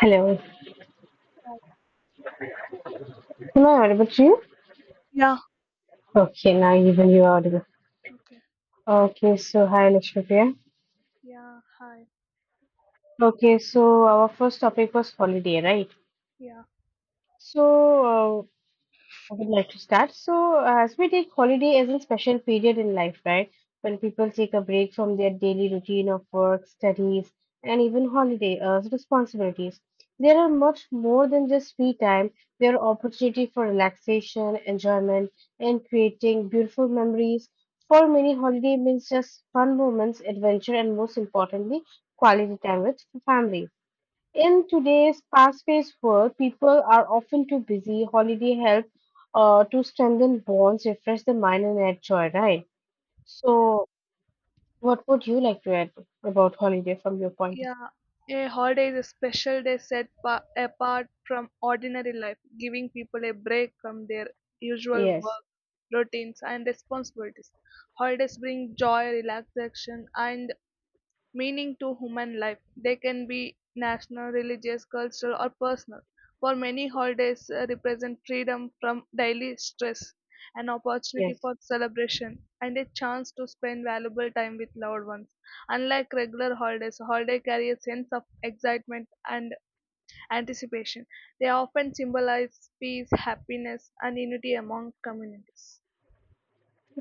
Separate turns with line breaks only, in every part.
Hello.
Oh,
Am I audible to you?
yeah.
Okay, now even you are audible.
Okay.
Okay, so hi Lakshmipriya.
Yeah. Hi.
Okay, so our first topic was holiday, right?
Yeah.
So uh, I would like to start. So, as we take holiday as a special period in life, right? When people take a break from their daily routine of work, studies, and even holiday responsibilities, there are much more than just free time. There are opportunity for relaxation, enjoyment, and creating beautiful memories. For many, holiday means just fun moments, adventure, and most importantly, quality time with family. In today's fast-paced world, people are often too busy. Holiday help to strengthen bonds, refresh the mind, and add joy, right?
Yeah.
So, what would you like to add about holiday from your point of
Yeah. A holiday is a special day set apart from ordinary life, giving people a break from their
view?
usual
Yes,
work routines and responsibilities. Holidays bring joy, relaxation, and meaning to human life. They can be national, religious, cultural, or personal. For many, holidays represent freedom from daily stress, an opportunity
yes.
for celebration, and a chance to spend valuable time with loved ones. Unlike regular holidays, holiday carry a sense of excitement and anticipation. They often symbolize peace, happiness, and unity among communities.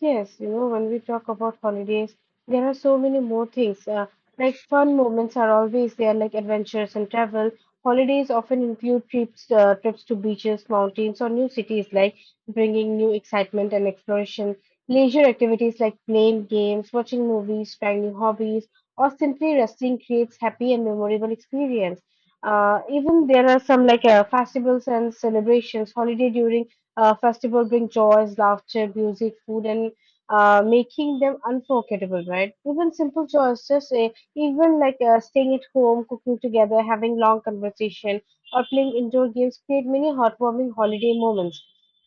Yes, when we talk about holidays, there are so many more things. Like fun moments are always there, like adventures and travel. Holidays often include trips to beaches, mountains, or new cities, like bringing new excitement and exploration. Leisure activities like playing games, watching movies, trying new hobbies, or simply resting creates happy and memorable experience. Even there are some like festivals and celebrations. Holiday during festival bring joys, laughter, music, food, and making them unforgettable, right? Even simple joys, just even staying at home, cooking together, having long conversation, or playing indoor games create many heartwarming holiday moments.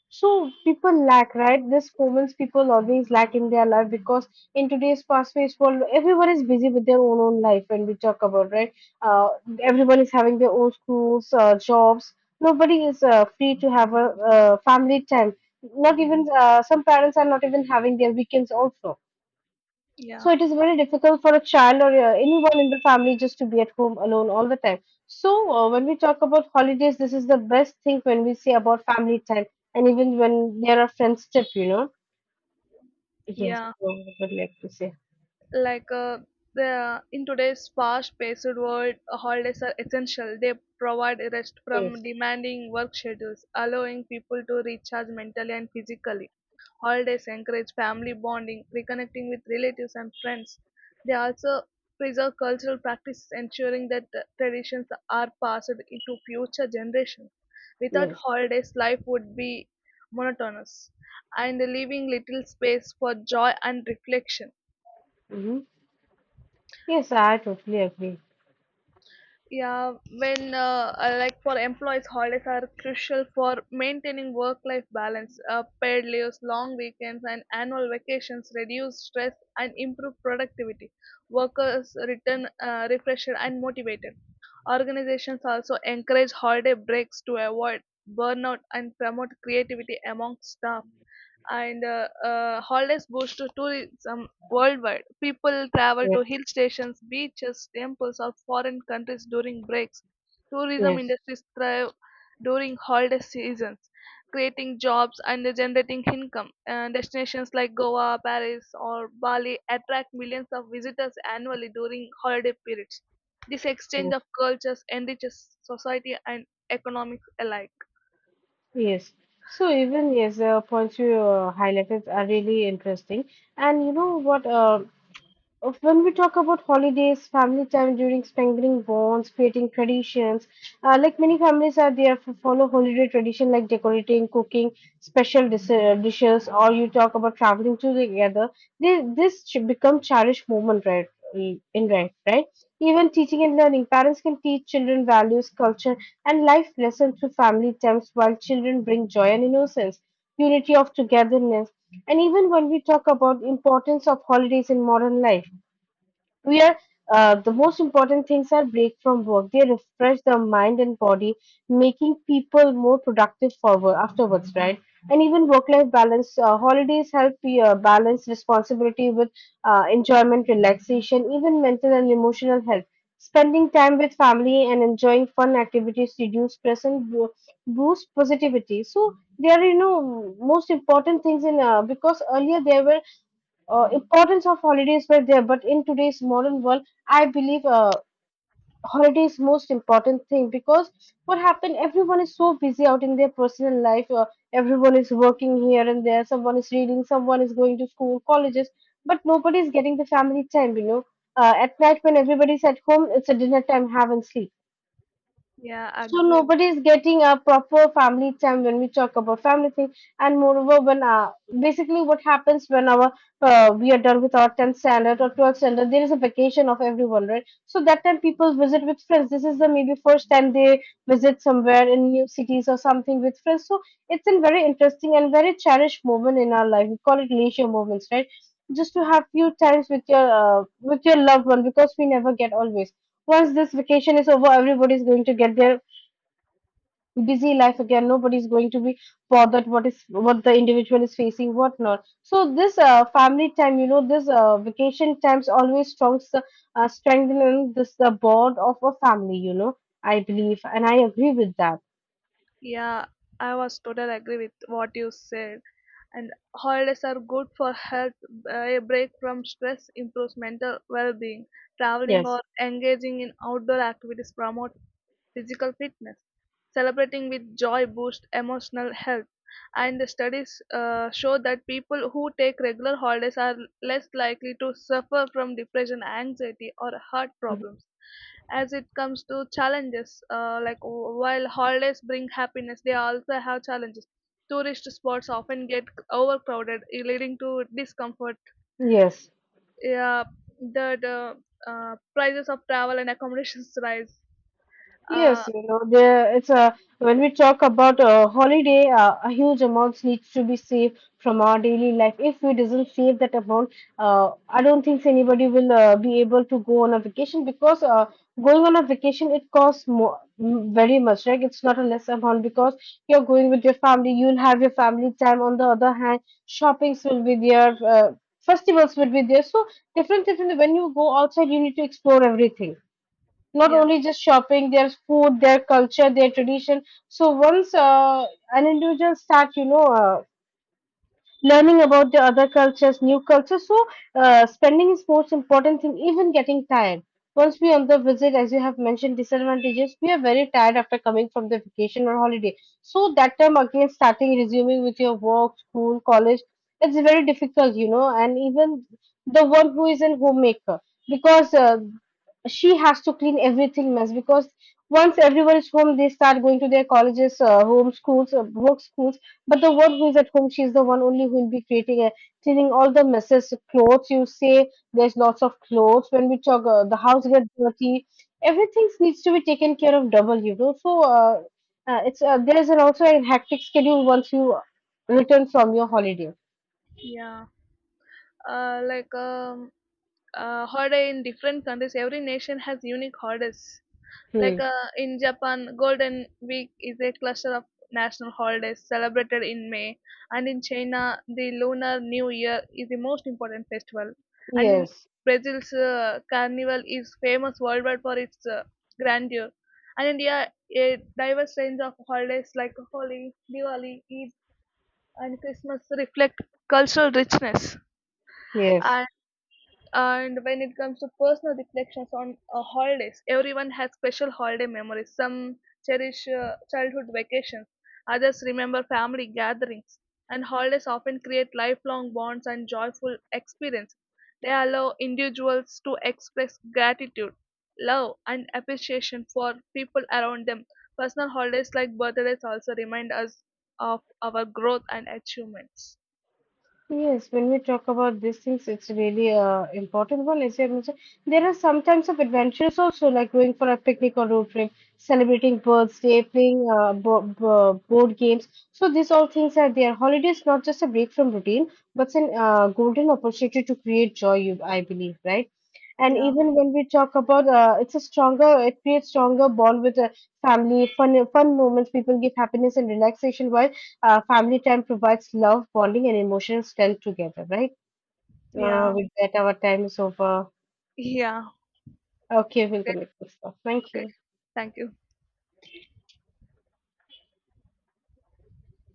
So people lack, right? This moments people always lack in their life because in today's fast-paced world, everyone is busy with their own life. When we talk about, right? Uh, Everyone is having their own schools, jobs. Nobody is free to have a family time. Not even some parents are not even having their weekends also.
Yeah,
So it is very difficult for a child or anyone in the family just to be at home alone all the time. So when we talk about holidays, this is the best thing when we say about family time, and even when there are friends trip. Yes,
yeah,
I would like to say
like the in today's fast-paced world, holidays are essential. They provide a rest from
yes.
demanding work schedules, allowing people to recharge mentally and physically. Holidays encourage family bonding, reconnecting with relatives and friends. They also preserve cultural practices, ensuring that traditions are passed into future generations. Without
Yes.
holidays, life would be monotonous and leaving little space for joy and reflection.
Hmm. Yes. I totally agree.
Yeah, when like for employees, holidays are crucial for maintaining work-life balance. Paid leaves, long weekends, and annual vacations reduce stress and improve productivity. Workers return refreshed and motivated. Organizations also encourage holiday breaks to avoid burnout and promote creativity among staff and holidays boost to tourism worldwide. People travel to
Yes.
hill stations, beaches, temples, or foreign countries during breaks. Tourism
Yes.
industries thrive during holiday seasons, creating jobs and generating income. Destinations like Goa, Paris, or Bali attract millions of visitors annually during holiday periods. This exchange
Yes.
of cultures enriches society and economics alike.
Yes. So even, yes, the points you highlighted are really interesting. And you know what? When we talk about holidays, family time during strengthening bonds, creating traditions, like many families are there for follow holiday tradition like decorating, cooking special dishes, or you talk about traveling to together. They, this should become cherished moment, right? In right, right. Even teaching and learning, parents can teach children values, culture, and life lessons through family times, while children bring joy and innocence, unity of togetherness. And even when we talk about importance of holidays in modern life, we are the most important things are break from work. They refresh the mind and body, making people more productive forward afterwards, right? And even work life balance. Holidays help you balance responsibility with enjoyment, relaxation. Even mental and emotional health, spending time with family and enjoying fun activities reduce stress and boost positivity. So they are most important things in, because earlier there were importance of holidays were there, but in today's modern world, I believe holiday is most important thing because what happened everyone is so busy out in their personal life. Everyone is working here and there. Someone is reading, someone is going to school, colleges, but nobody is getting the family time. At night when everybody is at home, it's a dinner time, have, and sleep.
Yeah, I
So
agree with.
nobody is getting a proper family time when we talk about family thing. And moreover when basically what happens when our we are done with our 10th standard or 12th standard, there is a vacation of everyone, right? So that time people visit with friends. This is the maybe first time they visit somewhere in new cities or something with friends, so it's a very interesting and very cherished moment in our life. We call it leisure moments, right? Just to have few times with your loved one because we never get always. Once this vacation is over, everybody is going to get their busy life again. Nobody's going to be bothered what is what the individual is facing, what not. So this family time, this vacation times always strong, strengthening this the bond of a family. I believe, and I agree with that.
Yeah, I was totally agree with what you said, and holidays are good for health. A break from stress improves mental well-being. Traveling
Yes.
or engaging in outdoor activities promote physical fitness. Celebrating with joy boosts emotional health. And the studies show that people who take regular holidays are less likely to suffer from depression, anxiety, or heart problems. As it comes to challenges, like while holidays bring happiness, they also have challenges. Tourist spots often get overcrowded, eh, leading to discomfort.
Yes.
Yeah, the prices of travel and accommodations rise. Uh,
Yes, there it's a when we talk about a holiday, a huge amount needs to be saved from our daily life. If we doesn't save that amount, I don't think anybody will be able to go on a vacation because going on a vacation it costs more very much, right? It's not a less amount because you're going with your family, you'll have your family time. On the other hand, shoppings will be there, festivals will be there. So different, different. When you go outside, you need to explore everything, not
yeah,
only just shopping, their food, their culture, their tradition. So once an individual start, learning about the other cultures, new cultures. So, spending is most important thing, even getting tired. Once we on the visit, as you have mentioned, disadvantages, we are very tired after coming from the vacation or holiday. So that time again, starting resuming with your work, school, college, it's very difficult. And even the one who is a homemaker, because she has to clean everything mess because once everyone is home, they start going to their colleges, home schools, work schools. But the one who is at home, she's the one only who will be creating a cleaning all the messes, clothes. You say there's lots of clothes. When we talk, the house gets dirty. Everything needs to be taken care of double. So it's there is an also a hectic schedule once you return from your holiday.
yeah. Like holiday in different countries. Every nation has unique holidays. Like
Hmm.
in Japan, Golden Week is a cluster of national holidays celebrated in May, and in China, the Lunar New Year is the most important festival. And in
Yes.
Brazil's Carnival is famous worldwide for its grandeur. And India, a diverse range of holidays like Holi, Diwali, Eid, and Christmas reflect cultural richness.
Yes.
And and when it comes to personal reflections on holidays, everyone has special holiday memories. Some cherish childhood vacations, others remember family gatherings, and holidays often create lifelong bonds and joyful experiences. They allow individuals to express gratitude, love, and appreciation for people around them. Personal holidays like birthdays also remind us of our growth and achievements.
Yes, when we talk about these things, it's really important one. As I mentioned, there are some types of adventures also, like going for a picnic or road trip, celebrating birthday, playing bo bo board games. So these all things are there. Holidays not just a break from routine, but an golden opportunity to create joy. You, I believe, right? And
Yeah,
even when we talk about, it's a stronger, it creates stronger bond with the family, fun moments. People give happiness and relaxation while family time provides love, bonding, and emotional strength together, right? Yeah.
yeah,
With that, our time is over.
yeah.
Okay, we'll
Okay,
connect next time. Thank
okay.
you.
Thank you.